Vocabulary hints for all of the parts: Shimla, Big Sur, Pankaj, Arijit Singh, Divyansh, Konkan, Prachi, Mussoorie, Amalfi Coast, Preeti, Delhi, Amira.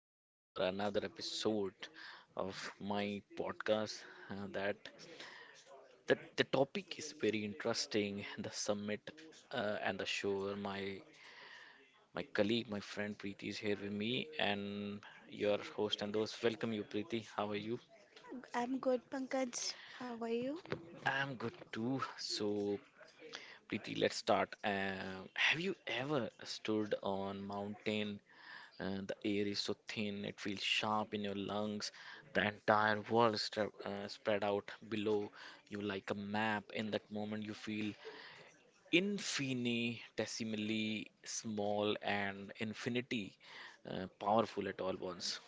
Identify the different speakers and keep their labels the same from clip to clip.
Speaker 1: here for another episode of my podcast. That that the topic is very interesting. The summit and the show. My colleague, my friend Preeti is here with me, and your host and those. Welcome you, Preeti. How are you?
Speaker 2: I'm good, Pankaj. How are you?
Speaker 1: I'm good too. So, Preeti, let's start. Have you ever stood on mountain and the air is so thin it feels sharp in your lungs, the entire world spread out below you like a map. In that moment you feel infinitesimally small and infinity powerful at all once.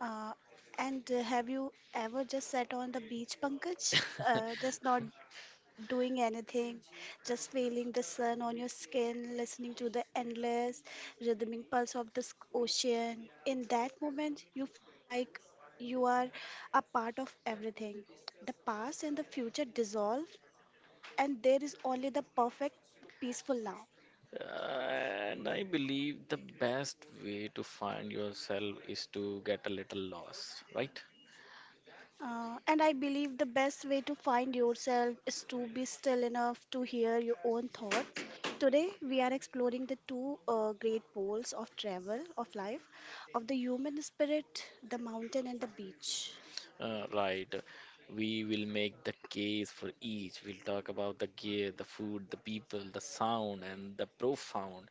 Speaker 2: Uh, and Have you ever just sat on the beach, Pankaj? Just not doing anything, just feeling the sun on your skin, listening to the endless rhythmic pulse of this ocean. In that moment, you feel like you are a part of everything. The past and the future dissolve, and there is only the perfect, peaceful now.
Speaker 1: And I believe the best way to find yourself is to get a little lost, right?
Speaker 2: And I believe the best way to find yourself is to be still enough to hear your own thoughts. Today, we are exploring the two great poles of travel, of life, of the human spirit, the mountain and the beach.
Speaker 1: Right. We will make the case for each. We'll talk about the gear, the food, the people, the sound, and the profound,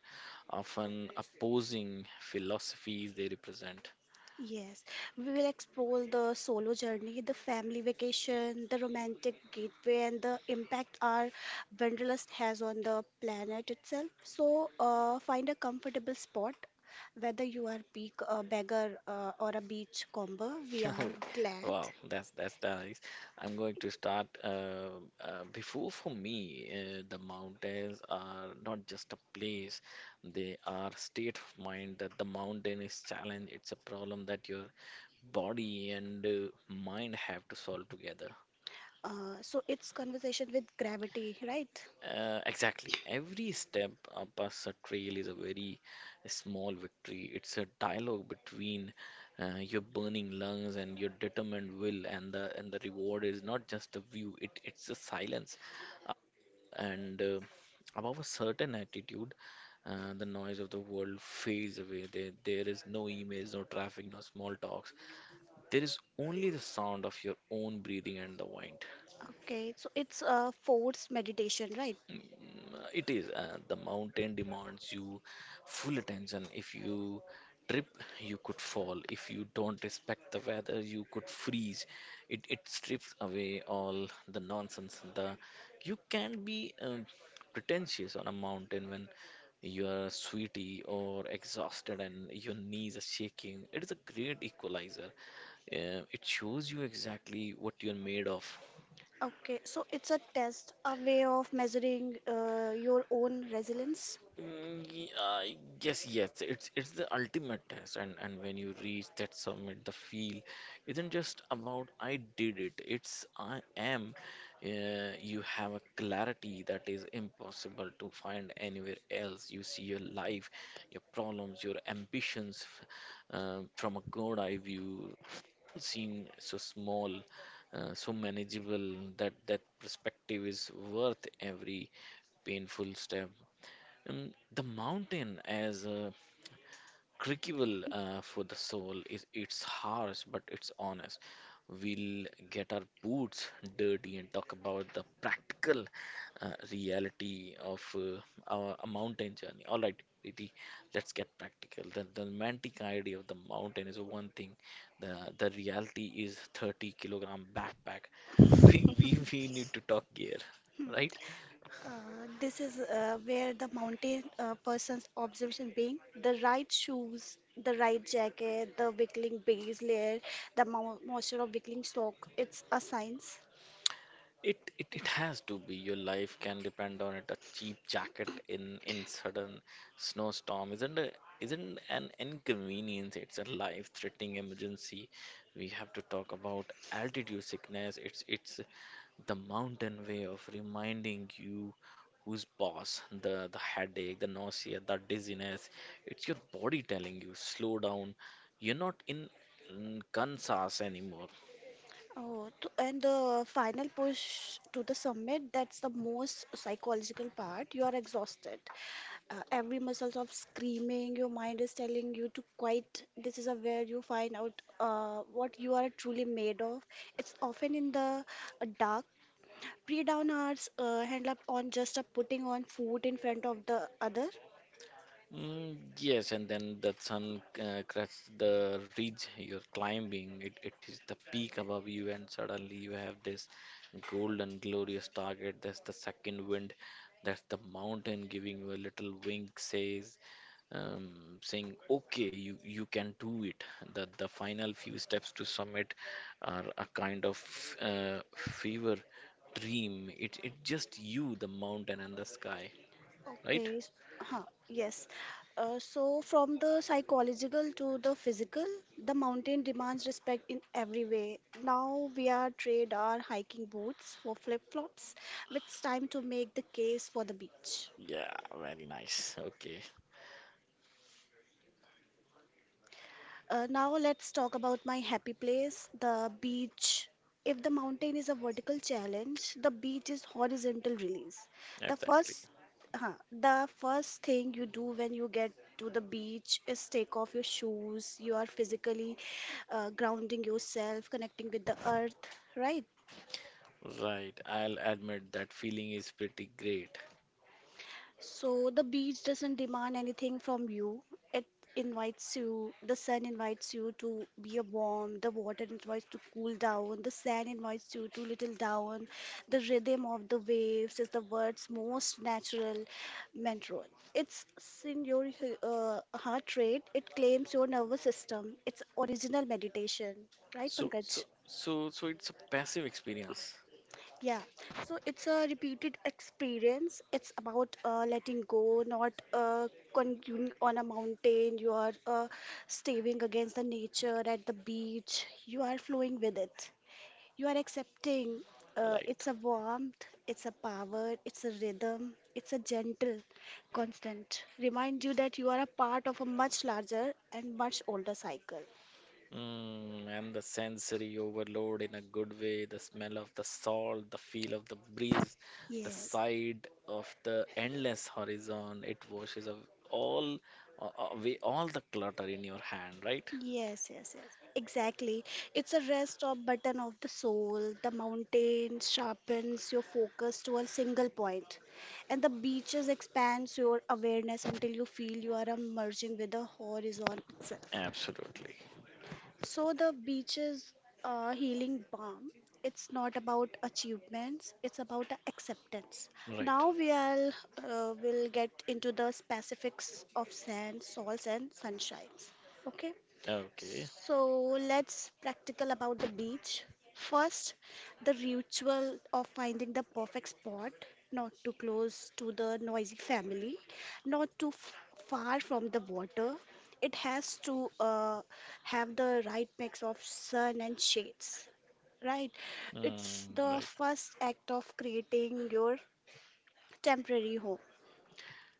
Speaker 1: often opposing philosophies they represent.
Speaker 2: Yes, we will explore the solo journey, the family vacation, the romantic gateway, and the impact our wanderlust has on the planet itself. So, find a comfortable spot, whether you are peak a beggar or a beach combo. We are glad.
Speaker 1: Wow, that's nice. I'm going to start. Before for me, the mountains are not just a place; they are state of mind. That the mountain is challenge. It's a problem that your body and mind have to solve together.
Speaker 2: So it's conversation with gravity, right?
Speaker 1: Exactly. Every step up a trail is a very small victory. It's a dialogue between your burning lungs and your determined will, and the reward is not just a view. It's a silence up there, and above a certain altitude, the noise of the world fades away. There is no emails, no traffic, no small talks. There is only the sound of your own breathing and the wind.
Speaker 2: Okay, so it's a forced meditation, right?
Speaker 1: It is. The mountain demands you full attention. If you trip, you could fall. If you don't respect the weather, you could freeze. It strips away all the nonsense. The you can be pretentious on a mountain when you are sweaty or exhausted and your knees are shaking. It is a great equalizer. It shows you exactly what you're made of.
Speaker 2: Okay, so it's a test, a way of measuring your own resilience.
Speaker 1: Mm, ye- uh, yes, it's the ultimate test, and when you reach that summit, the feel isn't just about I did it. It's I am. You have a clarity that is impossible to find anywhere else. You see your life, your problems, your ambitions from a god eye view. They all seem so small, so manageable, that perspective is worth every painful step. Um, the mountain as a crucible for the soul is it's harsh but it's honest. We'll get our boots dirty and talk about the practical reality of our a mountain journey. All right, Riti, let's get practical. The romantic idea of the mountain is one thing. The reality is 30 kilogram backpack. We need to talk gear,
Speaker 2: Hmm.
Speaker 1: right?
Speaker 2: This is where the mountain person's observation being the right shoes, the right jacket, the wiggling base layer, the mo moisture of wiggling stock. It's a science.
Speaker 1: It has to be. Your life can depend on it. A cheap jacket in sudden snowstorm isn't an inconvenience. It's a life-threatening emergency. We have to talk about altitude sickness. It's the mountain way of reminding you who's boss. The headache, the nausea, the dizziness. It's your body telling you slow down. You're not in Kansas anymore.
Speaker 2: Oh, to, and the final push to the summit, that's the most psychological part. You are exhausted. Every muscles of screaming, your mind is telling you to quiet. This is a where you find out what you are truly made of. It's often in the dark pre-dawn hours handle up on just a putting on food in front of the other.
Speaker 1: Mm, yes, and then the sun cracks the ridge you're climbing. It is the peak above you, and suddenly you have this golden, glorious target. That's the second wind. That's the mountain giving you a little wink, saying, "Okay, you can do it." The final few steps to summit are a kind of fever dream. It just you, the mountain, and the sky, right?
Speaker 2: Okay. Huh, yes. So from the psychological to the physical, the mountain demands respect in every way. Now we are trade our hiking boots for flip-flops. It's time to make the case for the beach.
Speaker 1: Yeah, very nice. Okay.
Speaker 2: Now let's talk about my happy place, the beach. If the mountain is a vertical challenge, the beach is horizontal release. The
Speaker 1: Exactly.
Speaker 2: first, the first thing you do when you get to the beach is take off your shoes. You are physically grounding yourself, connecting with the earth, right?
Speaker 1: Right. I'll admit that feeling is pretty great.
Speaker 2: So the beach doesn't demand anything from you. It invites you, the sun invites you to be warm, the water invites to cool down, the sand invites you to little down. The rhythm of the waves is the world's most natural mantra. It's in your heart rate, it claims your nervous system. It's original meditation, right,
Speaker 1: So, so,
Speaker 2: Pankaj?
Speaker 1: so, so it's a passive experience,
Speaker 2: Yeah, so it's a repeated experience. It's about letting go, not continuing on a mountain. You are staving against the nature at the beach. You are flowing with it. You are accepting.
Speaker 1: right?
Speaker 2: It's a warmth, it's a power, it's a rhythm, it's a gentle, constant. Remind you that you are a part of a much larger and much older cycle.
Speaker 1: Mm, and the sensory overload in a good way, the smell of the salt, the feel of the breeze, the
Speaker 2: Yes.
Speaker 1: sight of the endless horizon, it washes all uh, away all the clutter in your hand, right?
Speaker 2: Yes, yes, yes. Exactly. It's a rest stop button of the soul. The mountain sharpens your focus to a single point, and the beaches expands your awareness until you feel you are merging with the horizon itself.
Speaker 1: Absolutely.
Speaker 2: So the beaches healing balm. It's not about achievements. It's about acceptance.
Speaker 1: Right.
Speaker 2: Now we are will get into the specifics of sand, salts, and sunshines. Okay.
Speaker 1: Okay.
Speaker 2: So let's practical about the beach. First, the ritual of finding the perfect spot, not too close to the noisy family, not too f- far from the water. It has to have the right mix of sun and shades, right? It's
Speaker 1: Mm,
Speaker 2: the
Speaker 1: right.
Speaker 2: first act of creating your temporary home.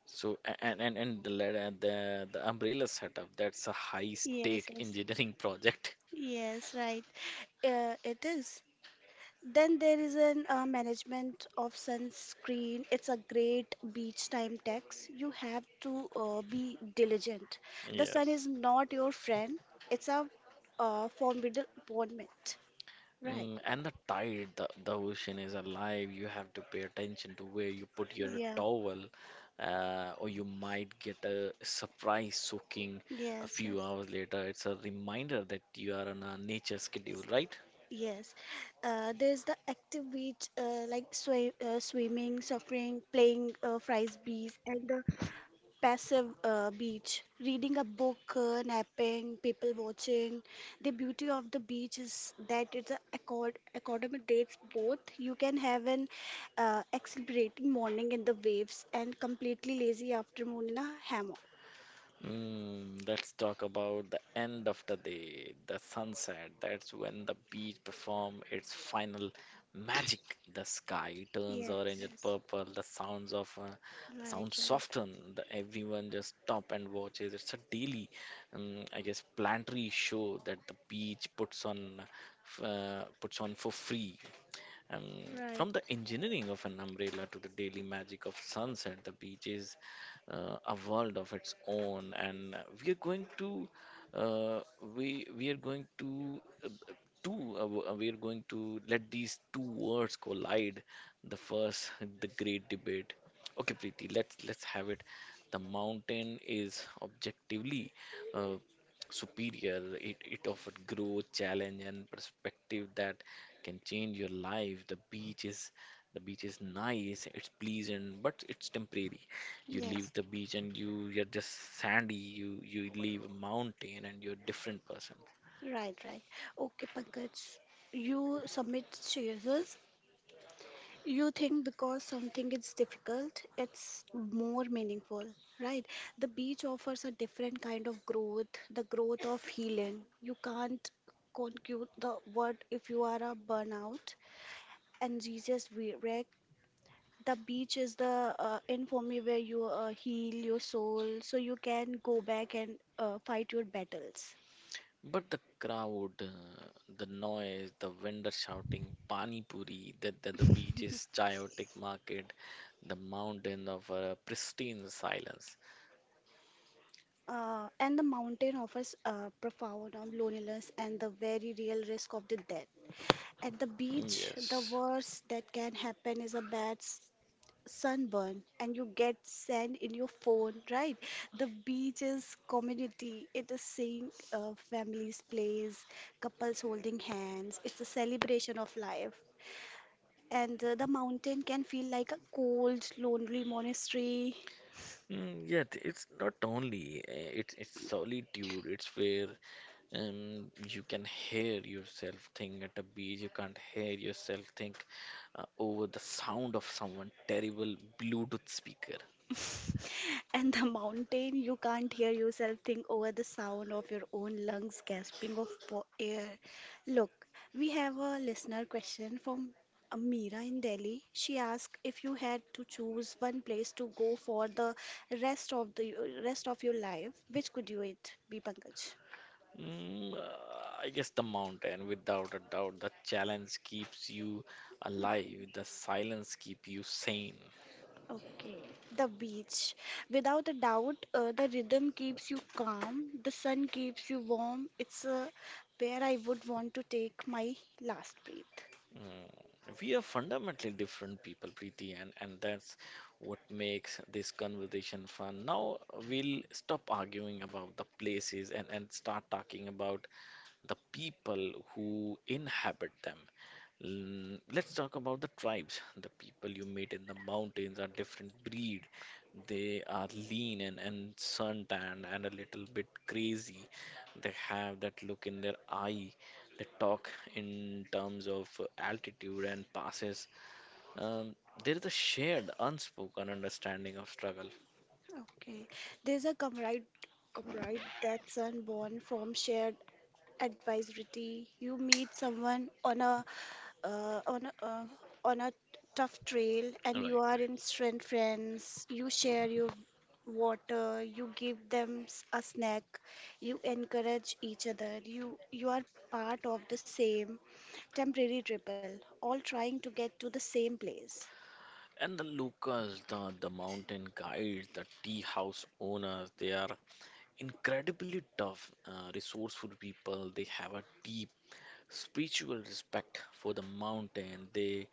Speaker 1: The umbrella setup, that's a high
Speaker 2: Yes,
Speaker 1: stake
Speaker 2: yes,
Speaker 1: engineering project.
Speaker 2: yes, right. It is. Then there is an management of sunscreen. It's a great beach time tax. You have to be diligent. The sun
Speaker 1: Yes.
Speaker 2: is not your friend. It's a formidable opponent. Right.
Speaker 1: Mm, and the tide, the ocean is alive. You have to pay attention to where you put your
Speaker 2: Yeah.
Speaker 1: towel, or you might get a surprise soaking a
Speaker 2: Yes.
Speaker 1: few
Speaker 2: Yes.
Speaker 1: hours later. It's a reminder that you are on a nature schedule, right?
Speaker 2: Yes, there's the active beach like swimming, surfing, playing frisbees, and the passive beach, reading a book, napping, people watching. The beauty of the beach is that it's a accord academic dates both. You can have an exhilarating morning in the waves and completely lazy afternoon in a hammock.
Speaker 1: Mm, let's talk about the end of the day, the sunset. That's when the beach perform its final magic. The sky turns
Speaker 2: Yes,
Speaker 1: orange and
Speaker 2: yes.
Speaker 1: purple. The sounds of the
Speaker 2: Right,
Speaker 1: sounds
Speaker 2: right,
Speaker 1: soften. The, everyone just stop and watches. I guess, planetary show that the beach puts on, puts on for free. Um,
Speaker 2: right.
Speaker 1: from the engineering of an umbrella to the daily magic of sunset, the beach is a world of its own, and we are going to uh, we are going to two w- we are going to let these two words collide. The first, the great debate. Okay, Preeti, let's have it. The mountain is objectively uh, superior. It offered growth, challenge, and perspective that can change your life. The beach is nice, it's pleasant, but it's temporary. You leave
Speaker 2: Yes.
Speaker 1: the beach and you're just sandy. You leave a mountain and you're a different person.
Speaker 2: Right, right. Okay, Pankaj, you submit choices. You think because something is difficult, it's more meaningful, right? The beach offers a different kind of growth, the growth of healing. You can't conclude the word if you are a burnout. And Jesus we wreck. The beach is the infamy where you heal your soul, so you can go back and fight your battles.
Speaker 1: But the crowd, the noise, the vendor shouting, pani puri, that the beach is chaotic market, the mountain of pristine silence.
Speaker 2: And the mountain offers a profound of loneliness and the very real risk of the death. At the
Speaker 1: Mm,
Speaker 2: beach, the
Speaker 1: yes.
Speaker 2: worst that can happen is sunburn and you get sand in your phone, right? The beach is community. It is seeing families plays, couples holding hands. It's a celebration of life. And the mountain can feel like a cold, lonely monastery.
Speaker 1: Mm, yet it's not only It's solitude. It's where You can hear yourself think at a beach. You can't hear yourself think over the sound of someone terrible Bluetooth speaker.
Speaker 2: And the mountain, you can't hear yourself think over the sound of your own lungs gasping of air. Look, we have a listener question from Amira in Delhi. She asked if you had to choose one place to go for the rest of the rest of your life, which could you it be, Pankaj?
Speaker 1: Mm, uh, I guess the mountain, without a doubt, the challenge keeps you alive. The silence keep you sane.
Speaker 2: Okay, the beach. Without a doubt, the rhythm keeps you calm, the sun keeps you warm. It's where I would want to take my last breath.
Speaker 1: Mm, we are fundamentally different people, Preeti, and, that's what makes this conversation fun. Now we'll stop arguing about the places and, start talking about the people who inhabit them. Mm, let's talk about the tribes. The people you meet in the mountains are different breed. They are lean and, suntanned and a little bit crazy. They have that look in their eye. They talk in terms of altitude and passes. Um, there is a shared, unspoken understanding of struggle.
Speaker 2: Okay, there's a comrade that's born from shared advisory. You meet someone on uh, on a, uh, on a tough trail,
Speaker 1: Right,
Speaker 2: and you are in
Speaker 1: right.
Speaker 2: strength friends. You share your water, you give them a snack, you encourage each other, you are part of the same temporary triple, all trying to get to the same place
Speaker 1: And the locals, the mountain guides, the tea house owners, they are incredibly tough, resourceful people. They have a deep spiritual respect for the mountain. They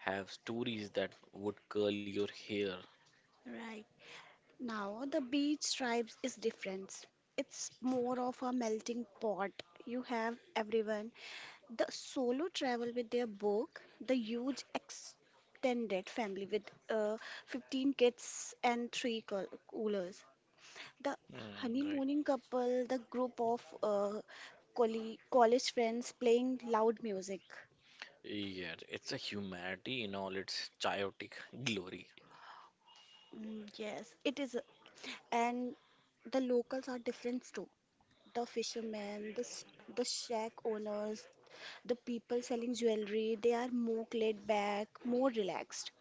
Speaker 1: have stories that would curl your hair.
Speaker 2: right now. The beach tribes is different, it's more of a melting pot. You have everyone: the solo travel with their book, the huge extended family with uh, 15 kids and coolers, the
Speaker 1: Mm, right.
Speaker 2: honeymooning couple, the group of college friends playing loud music.
Speaker 1: Yeah, it's a humanity in all its chaotic glory.
Speaker 2: Mm, yes, it is. And the locals are different too. The fishermen, the shack owners, the people selling jewelry, they are more laid back, more relaxed.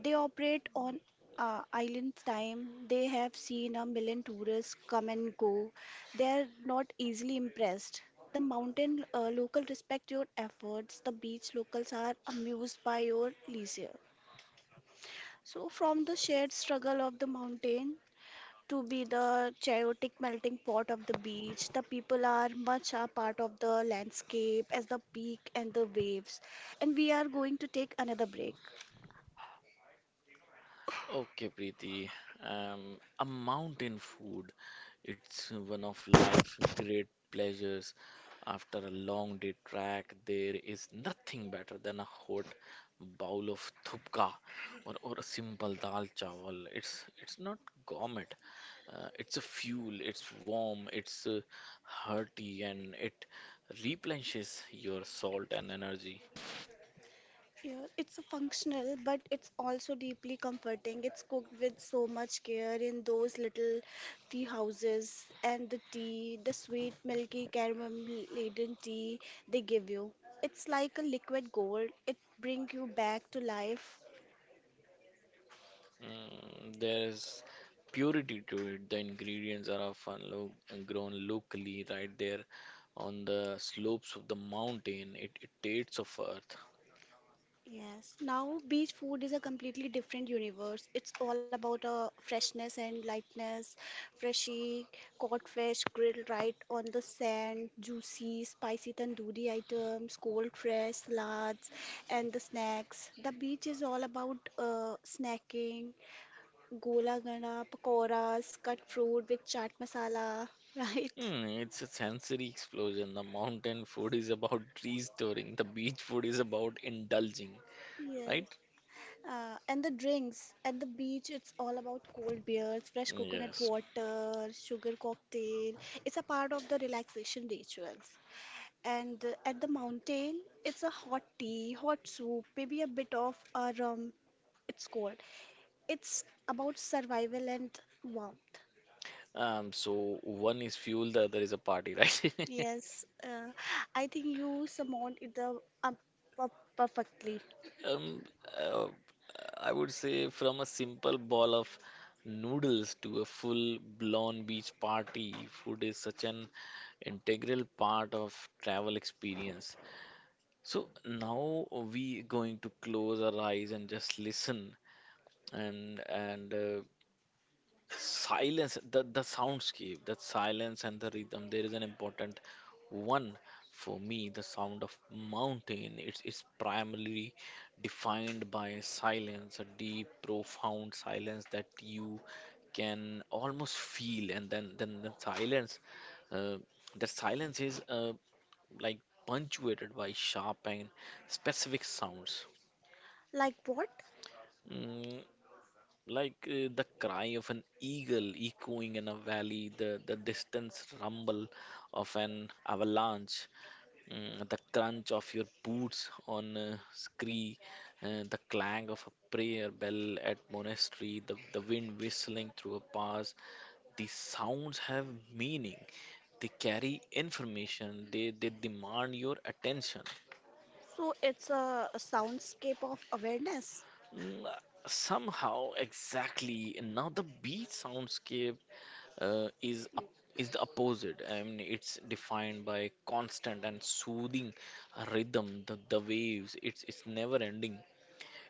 Speaker 2: They operate on island time. They have seen a million tourists come and go. They are not easily impressed. The mountain local respect your efforts. The beach locals are amused by your leisure. So, from the shared struggle of the mountain to be the chaotic melting pot of the beach. The people are much a part of the landscape as the peak and the waves. And we are going to take another break.
Speaker 1: Okay, Preeti. A mountain food. It's one of life's great pleasures. After a long day trek, there is nothing better than a hot bowl of thupka, or a simple dal chawal. It's not gourmet. It's a fuel. It's warm. It's hearty, and it replenishes your salt and energy.
Speaker 2: Yeah, it's functional, but it's also deeply comforting. It's cooked with so much care in those little tea houses, and the tea, the sweet, milky, caramel laden tea they give you. It's like a liquid gold. It brings you back to life.
Speaker 1: Mm, there is purity to it. The ingredients are often lo grown locally, right there on the slopes of the mountain. It tastes of earth.
Speaker 2: Yes, now beach food is a completely different universe. It's all about freshness and lightness, freshy caught fish grilled right on the sand, juicy, spicy tandoori items, cold fresh salads, and the snacks. The beach is all about snacking, gola gana, pakoras, cut fruit with chaat masala, right?
Speaker 1: Mm, it's a sensory explosion. The mountain food is about restoring, the beach food is about indulging,
Speaker 2: Yes.
Speaker 1: right?
Speaker 2: And the drinks at the beach, it's all about cold beers, fresh coconut
Speaker 1: Yes.
Speaker 2: water, sugar cocktail. It's a part of the relaxation rituals. And at the mountain, it's a hot tea, hot soup, maybe a bit of a rum. It's cold. It's about survival and warmth.
Speaker 1: So one is fuel, the other is a party, right?
Speaker 2: Yes, I think you summoned it per- perfectly.
Speaker 1: Um, uh, I would say from a simple ball of noodles to a full blown beach party, food is such an integral part of travel experience. So now we going to close our eyes and just listen, and silence the soundscape that silence and the rhythm there is an important one for me. The sound of mountain, it's primarily defined by silence, a deep profound silence that you can almost feel. And then uh, the silence is like punctuated by sharp and specific sounds.
Speaker 2: Like what?
Speaker 1: Mm, like the cry of an eagle echoing in a valley, the distant rumble of an avalanche, the crunch of your boots on a scree, the clang of a prayer bell at monastery, the wind whistling through a pass. These sounds have meaning. They carry information. They demand your attention.
Speaker 2: So it's a soundscape of awareness.
Speaker 1: Mm, somehow, exactly. And now the beach soundscape uh, is up, is the opposite. I mean, it's defined by constant and soothing rhythm, the waves. It's never ending.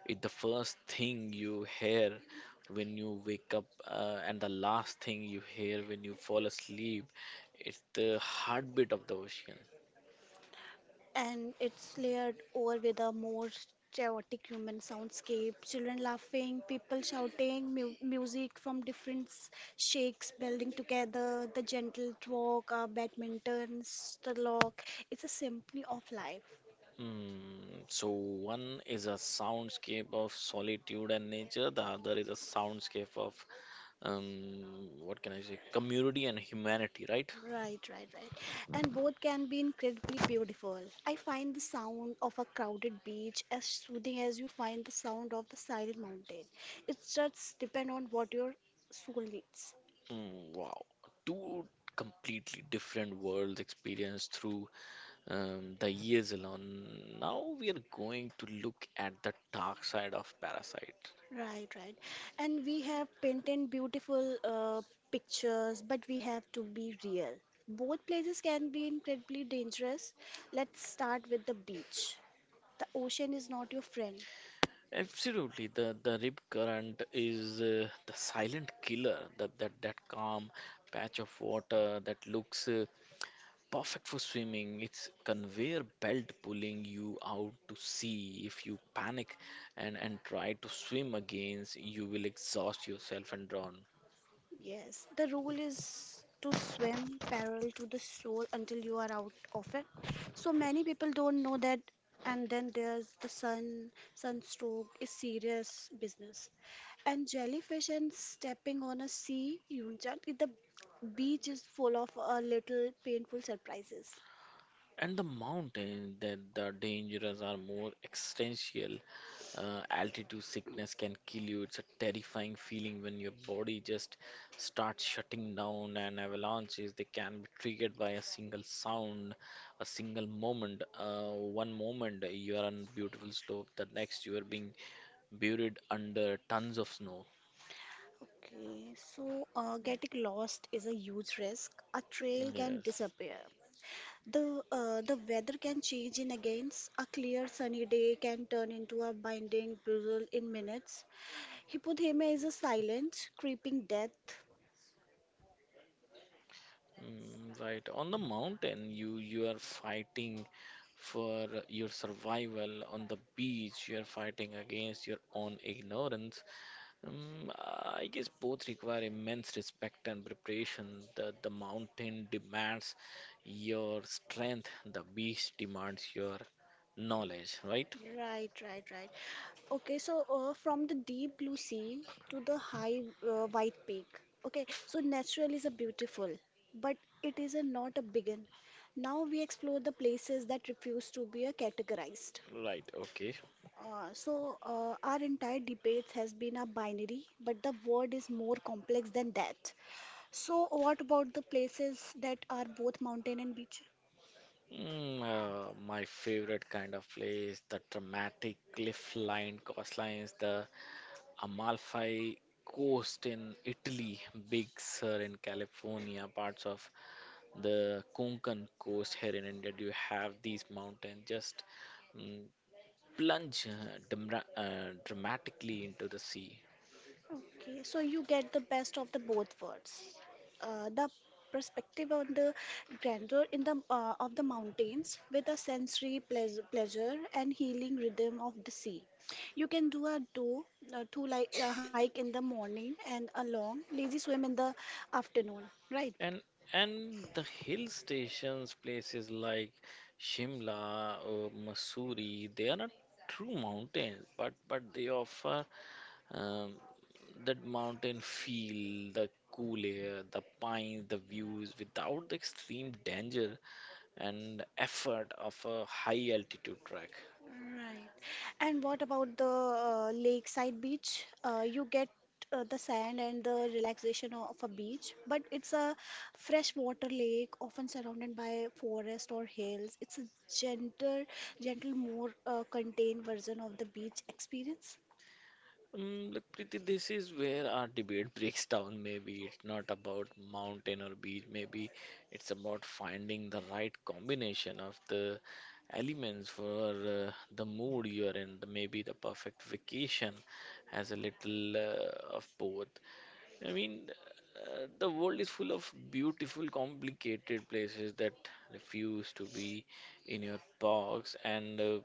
Speaker 1: It's the first thing you hear when you wake up, and the last thing you hear when you fall asleep. It's the heartbeat of the ocean.
Speaker 2: And it's layered over with a more chaotic human soundscape. Children laughing, people shouting, music from different shakes blending together, the gentle rock, badminton, stalk. It's a symphony of life.
Speaker 1: Mm, so one is a soundscape of solitude and nature, the other is a soundscape of um, what can I say, community and humanity, right?
Speaker 2: Right, right, right. And both can be incredibly beautiful. I find the sound of a crowded beach as soothing as you find the sound of the silent mountain. It just depends on what your soul needs.
Speaker 1: Mm, wow. Two completely different worlds experienced through the years alone. Now we are going to look at the dark side of Parasite.
Speaker 2: Right, right. And we have painted beautiful pictures, but we have to be real. Both places can be incredibly dangerous. Let's start with the beach. The ocean is not your friend.
Speaker 1: Absolutely, the rip current is the silent killer, that calm patch of water that looks perfect for swimming. It's conveyor belt pulling you out to sea. If you panic and try to swim against, you will exhaust yourself and drown.
Speaker 2: Yes, the rule is to swim parallel to the shore until you are out of it. So many people don't know that. And then there's the sun, sunstroke is serious business. And jellyfish and stepping on a sea, Yunjan, the beach is full of a little painful surprises.
Speaker 1: And the mountains that the dangers are more existential. Altitude sickness can kill you. It's a terrifying feeling when your body just starts shutting down. And avalanches they can be triggered by a single sound, a single moment. One moment you are on beautiful slope, the next you are being buried under tons of snow.
Speaker 2: Getting lost is a huge risk. A trail can
Speaker 1: Yes.
Speaker 2: disappear. The weather can change in against a clear sunny day can turn into a binding drizzle in minutes. Hypothermia is a silent, creeping death.
Speaker 1: Mm. Right. On the mountain, you are fighting for your survival. On the beach, you are fighting against your own ignorance. I guess both require immense respect and preparation. The mountain demands your strength. The beach demands your knowledge. Right.
Speaker 2: Right, right, right. Okay, so from the deep blue sea to the high white peak. Okay, so natural is a beautiful, but it is a not a begin. Now we explore the places that refuse to be categorized.
Speaker 1: Right. Okay.
Speaker 2: So, our entire debates has been a binary, but the word is more complex than that. So, what about the places that are both mountain and beach?
Speaker 1: Mm, my favorite kind of place, the dramatic cliff-lined coastlines, the Amalfi Coast in Italy, Big Sur in California, parts of the Konkan coast here in India. Do you have these mountains just mm, plunge dramatically into the sea?
Speaker 2: Okay, so you get the best of the both worlds. The perspective on the grandeur in the of the mountains with a sensory pleasure and healing rhythm of the sea. You can do two, like a hike in the morning and a long lazy swim in the afternoon, right?
Speaker 1: And and the hill stations, places like Shimla or Mussoorie, they are not true mountains, but they offer Um, that mountain feel, the cool air, the pines, the views, without the extreme danger and effort of a high altitude trek.
Speaker 2: Right. And what about the lakeside beach? You get the sand and the relaxation of a beach, but it's a freshwater lake, often surrounded by forest or hills. It's a gentle, gentle, more contained version of the beach experience.
Speaker 1: Look, Preeti, this is where our debate breaks down. Maybe it's not about mountain or beach. Maybe it's about finding the right combination of the elements for the mood you're in. Maybe the perfect vacation has a little of both. I mean, the world is full of beautiful, complicated places that refuse to be in your box, and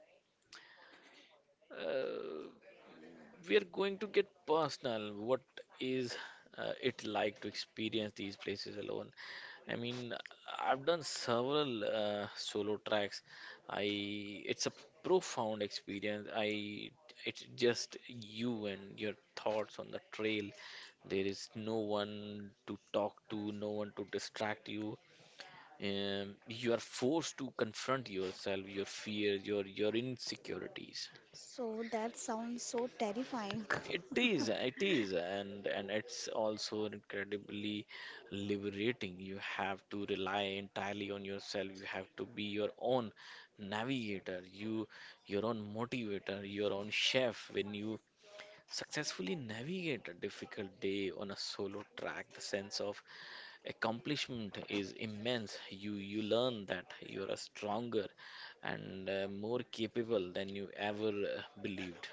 Speaker 1: uh, we are going to get personal. What is it like to experience these places alone? I mean, I've done several solo tracks. I It's a profound experience. I It's just you and your thoughts on the trail. There is no one to talk to, no one to distract you. You are forced to confront yourself, your fears, your insecurities.
Speaker 2: So that sounds so terrifying.
Speaker 1: It is, and it's also incredibly liberating. You have to rely entirely on yourself. You have to be your own navigator, your own motivator, your own chef. When you successfully navigate a difficult day on a solo track, the sense of accomplishment is immense. You learn that you are stronger and more capable than you ever believed.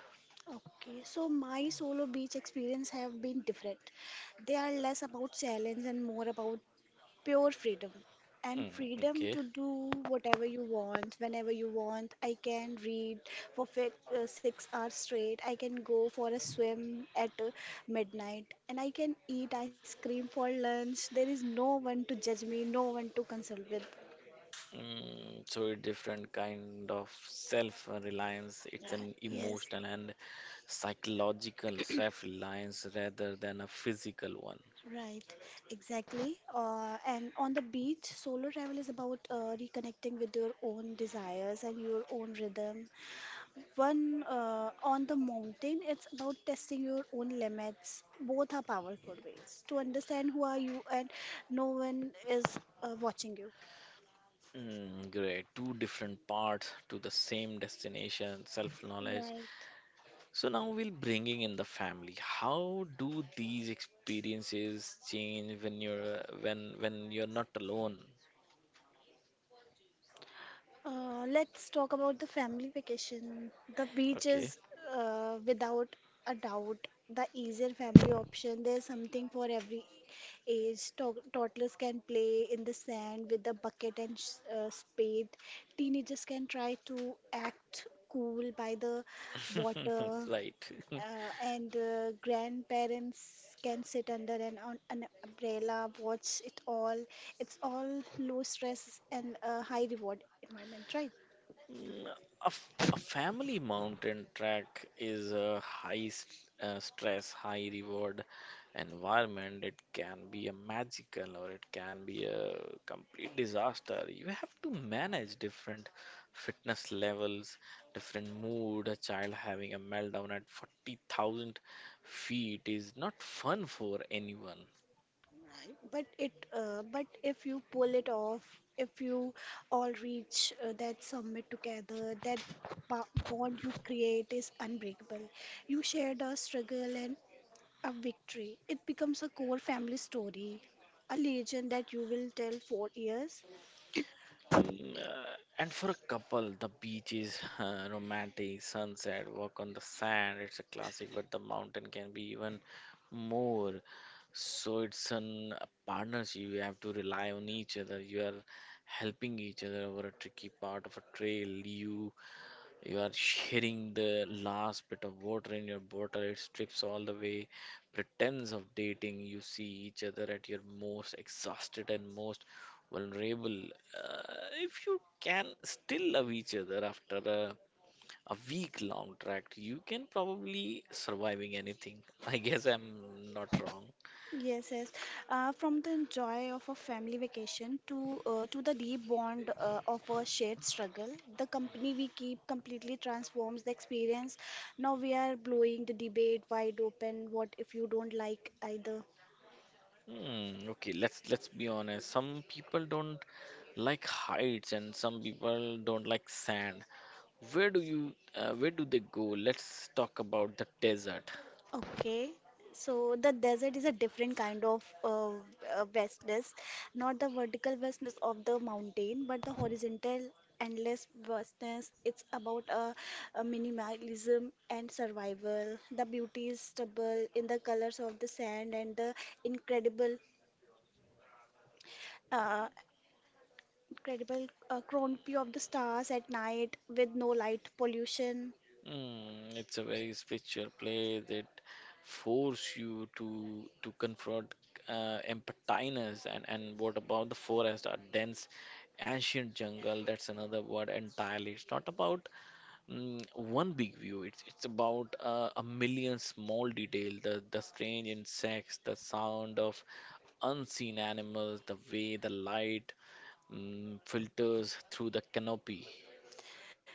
Speaker 2: Okay, so my solo beach experience have been different. They are less about challenge and more about pure freedom and
Speaker 1: Mm, okay.
Speaker 2: freedom to do whatever you want whenever you want. I can read for 6 hours straight. I can go for a swim at midnight, and I can eat ice cream for lunch. There is no one to judge me, no one to consult with.
Speaker 1: Mm, so a different kind of self-reliance. It's
Speaker 2: Right.
Speaker 1: an
Speaker 2: Yes.
Speaker 1: emotional and psychological self-reliance rather than a physical one.
Speaker 2: Right, exactly. And on the beach, solo travel is about reconnecting with your own desires and your own rhythm. One, on the mountain. It's about testing your own limits. Both are powerful ways to understand who are you, and no one is watching you.
Speaker 1: Mm, great. Two different parts to the same destination, self-knowledge.
Speaker 2: Right.
Speaker 1: So now we'll bringing in the family. How do these experiences change when you're when you're not alone?
Speaker 2: Let's talk about the family vacation. The beach
Speaker 1: Okay,
Speaker 2: is, without a doubt, the easier family option. There's something for every age. Toddlers can play in the sand with a bucket and spade. Teenagers can try to act cool by the water,
Speaker 1: right.
Speaker 2: and grandparents can sit under an umbrella, watch it all. It's all low stress and a high reward environment, right?
Speaker 1: Mm. A family mountain trek is a high stress, high reward environment. It can be a magical or it can be a complete disaster. You have to manage different fitness levels, different mood. A child having a meltdown at 40,000 feet is not fun for anyone.
Speaker 2: Right, but if you pull it off, if you all reach that summit together, that bond you create is unbreakable. You shared a struggle and a victory. It becomes a core family story, a legend that you will tell for years.
Speaker 1: Mm, and for a couple, the beach is romantic, sunset, walk on the sand. It's a classic, but the mountain can be even more. So it's an a partnership. You have to rely on each other. You are helping each other over a tricky part of a trail. You you are sharing the last bit of water in your bottle. It strips all the way pretense of dating. You see each other at your most exhausted and most vulnerable. Uh, if you can still love each other after a week long tract, you can probably surviving anything. I guess I'm not wrong.
Speaker 2: Yes, yes. From the joy of a family vacation to the deep bond of a shared struggle, the company we keep completely transforms the experience. Now we are blowing the debate wide open. What if you don't like either?
Speaker 1: Hmm, okay, let's be honest. Some people don't like heights and some people don't like sand. Where do you, where do they go? Let's talk about the desert.
Speaker 2: Okay, so the desert is a different kind of vastness, not the vertical vastness of the mountain, but the horizontal endless vastness. It's about a minimalism and survival. The beauty is stubble in the colors of the sand and the incredible, uh, incredible canopy of the stars at night with no light pollution.
Speaker 1: Mm, it's a very spiritual place that force you to confront emptiness. And what about the forest? A dense, ancient jungle. That's another word entirely. It's not about mm, one big view. It's about a million small detail. The strange insects, the sound of unseen animals, the way the light mm, filters through the canopy.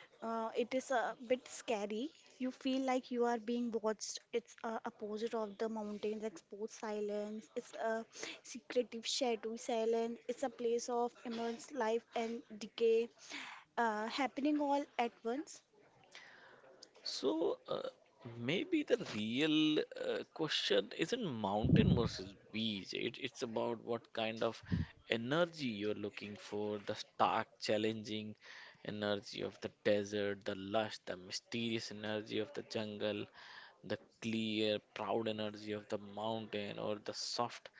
Speaker 2: It is a bit scary. You feel like you are being watched. It's opposite of the mountains, exposed silence. It's a secretive, shadowy silence. It's a place of immense life and decay, happening all at once.
Speaker 1: So maybe the real question isn't mountain versus beach. It's about what kind of energy you're looking for, the stark, challenging energy of the desert, the lush, the mysterious energy of the jungle, the clear, proud energy of the mountain, or the soft,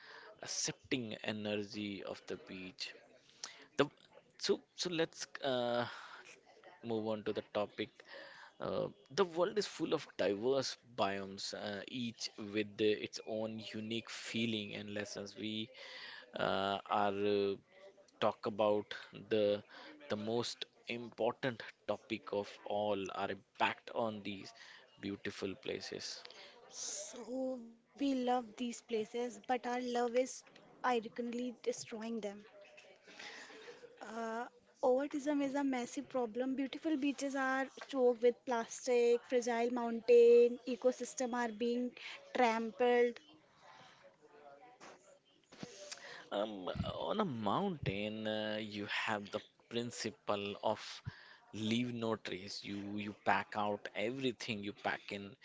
Speaker 1: accepting energy of the beach. The So let's move on to the topic uh, the world is full of diverse biomes each with its own unique feeling and lessons we are talk about the the most important topic of all our impact on these beautiful places.
Speaker 2: So we love these places, but our love is ironically destroying them. Uh, overtourism is a massive problem. Beautiful beaches are choked with plastic, fragile mountain ecosystem are being trampled.
Speaker 1: Um, on a mountain, you have the principle of leave no trace. You pack out everything you pack in.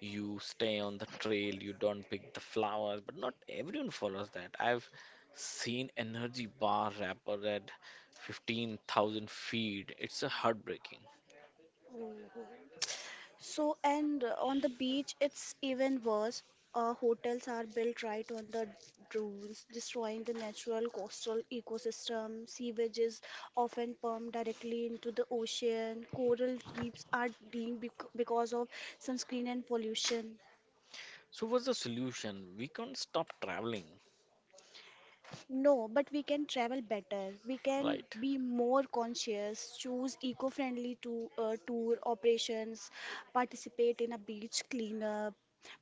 Speaker 1: You stay on the trail. You don't pick the flowers. But not everyone follows that. I've seen energy bar wrapper at 15,000 feet. It's a heartbreaking.
Speaker 2: Oh. So, and on the beach, it's even worse. Hotels are built right on the dunes, destroying the natural coastal ecosystem. Sewage is often pumped directly into the ocean. Coral reefs are dying because of sunscreen and pollution.
Speaker 1: So what's the solution? We can't stop traveling,
Speaker 2: No, but we can travel better. We can
Speaker 1: right?
Speaker 2: be more conscious, choose eco-friendly tour operations, participate in a beach cleanup,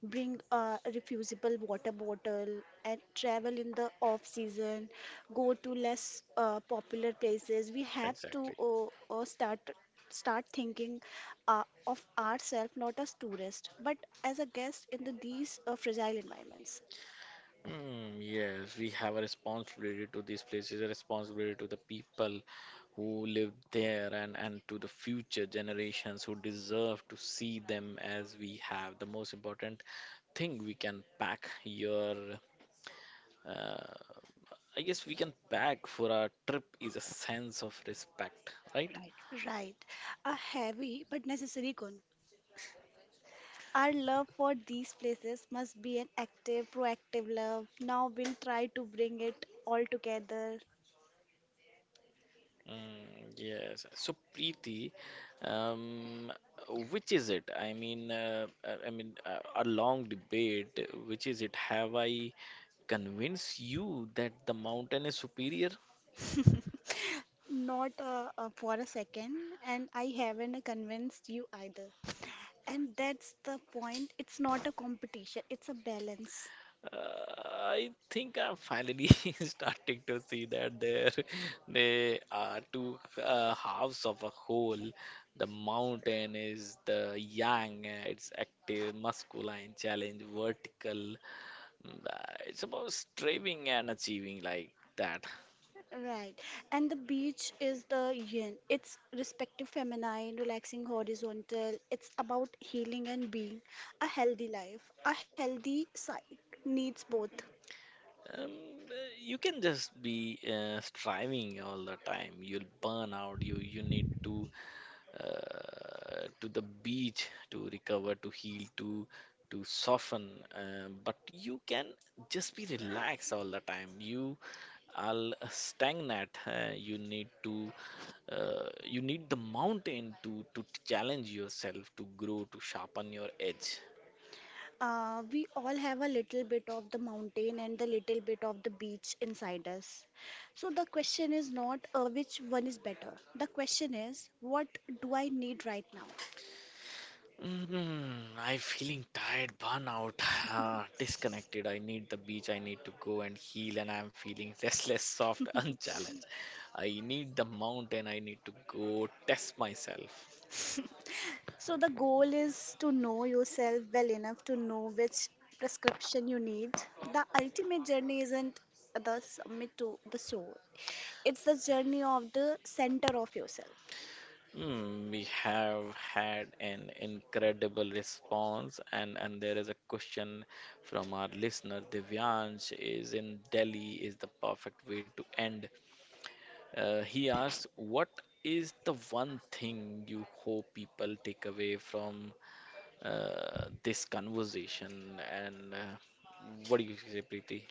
Speaker 2: bring a refusable water bottle, and travel in the off season. Go to less popular places. We have to
Speaker 1: Exactly.
Speaker 2: uh, start start thinking of ourselves not as tourists, but as a guest in these fragile environments.
Speaker 1: Mm, yes, we have a responsibility to these places, a responsibility to the people who live there and to the future generations who deserve to see them as we have. The most important thing we can pack your, uh, I guess we can pack for our trip is a sense of respect, right?
Speaker 2: Right. A heavy but necessary goal. Our love for these places must be an active, proactive love. Now we'll try to bring it all together.
Speaker 1: Mm, yes. So, Preeti, um, which is it? I mean, a long debate. Which is it? Have I convince you that the mountain is superior?
Speaker 2: Not for a second, and I haven't convinced you either. And that's the point. It's not a competition, it's a balance.
Speaker 1: uh, I think I'm finally starting to see that there they are two halves of a whole. The mountain is the yang, it's active, masculine, challenge, vertical. Mm, it's about striving and achieving like that.
Speaker 2: Right. And the beach is the yin. It's respective feminine, relaxing horizontal. It's about healing and being a healthy life. A healthy psyche needs both.
Speaker 1: Um, uh, you can just be striving all the time. You'll burn out. You need to the beach to recover, to heal, to soften. But you can just be relaxed all the time. You are stagnant. You need to you need the mountain to challenge yourself, to grow, to sharpen your edge.
Speaker 2: We all have a little bit of the mountain and the little bit of the beach inside us. So the question is not which one is better. The question is, what do I need right now?
Speaker 1: Mm, I'm feeling tired, burnout, disconnected. I need the beach. I need to go and heal, and I'm feeling restless, soft, unchallenged. I need the mountain. I need to go test myself.
Speaker 2: So the goal is to know yourself well enough to know which prescription you need. The ultimate journey isn't the summit to the soul. It's the journey of the center of yourself.
Speaker 1: Mm, we have had an incredible response, and there is a question from our listener. Divyansh is in Delhi. Is the perfect way to end. He asked, what is the one thing you hope people take away from this conversation? And what do you say, Preeti?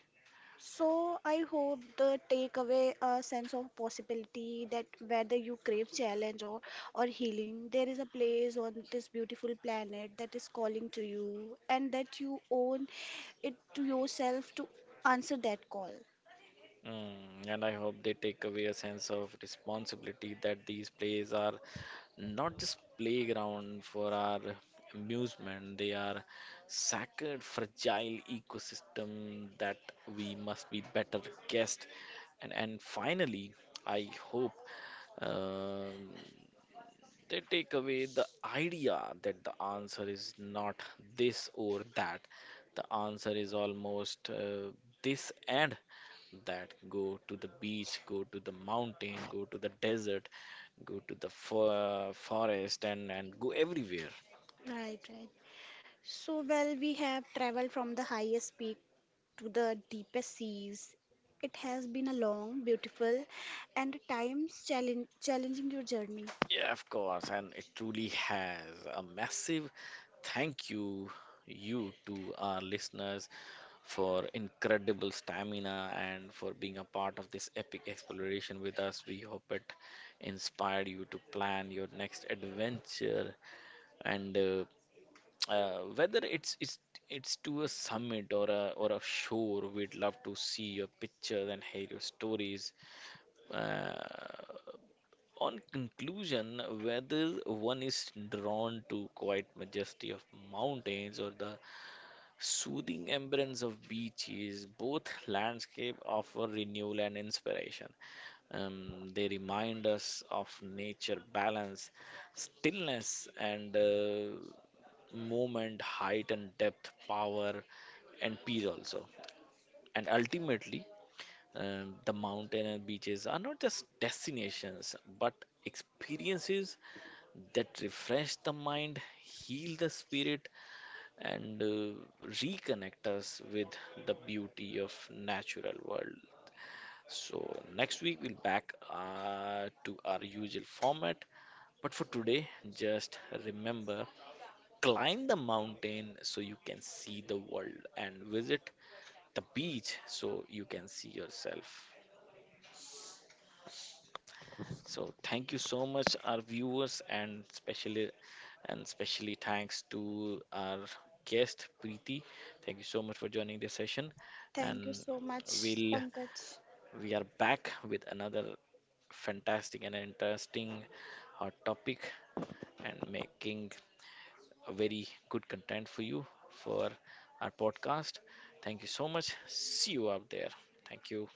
Speaker 2: So I hope the takeaway a sense of possibility that whether you crave challenge or healing, there is a place on this beautiful planet that is calling to you, and that you own it to yourself to answer that call.
Speaker 1: Mm, and I hope they take away a sense of responsibility that these plays are not just playground for our amusement, they are sacred, fragile ecosystem that we must be better guest. And finally, I hope um they take away the idea that the answer is not this or that. The answer is almost this and that. Go to the beach, go to the mountain, go to the desert, go to the forest, and go everywhere.
Speaker 2: Right, right. So, well, we have traveled from the highest peak to the deepest seas. It has been a long, beautiful, and at times challenging your journey.
Speaker 1: Yeah, of course. And it truly has a massive thank you, to our listeners for incredible stamina and for being a part of this epic exploration with us. We hope it inspired you to plan your next adventure and whether it's to a summit or a shore, we'd love to see your pictures and hear your stories. Uh, on conclusion, whether one is drawn to quiet majesty of mountains or the soothing embrace of beaches, both landscape offer renewal and inspiration. They remind us of nature balance, stillness, and movement, height and depth, power, and peace also. And ultimately, the mountain and beaches are not just destinations but experiences that refresh the mind, heal the spirit, and reconnect us with the beauty of natural world. So next week we'll back to our usual format, but for today just remember, climb the mountain so you can see the world and visit the beach so you can see yourself. So thank you so much, our viewers, and especially thanks to our guest Preeti. Thank you so much for joining this session,
Speaker 2: Thank you
Speaker 1: and
Speaker 2: so much,
Speaker 1: we'll
Speaker 2: Pankaj.
Speaker 1: we are back with another fantastic and interesting hot topic, and making a very good content for you for our podcast. Thank you so much. See you out there. Thank you.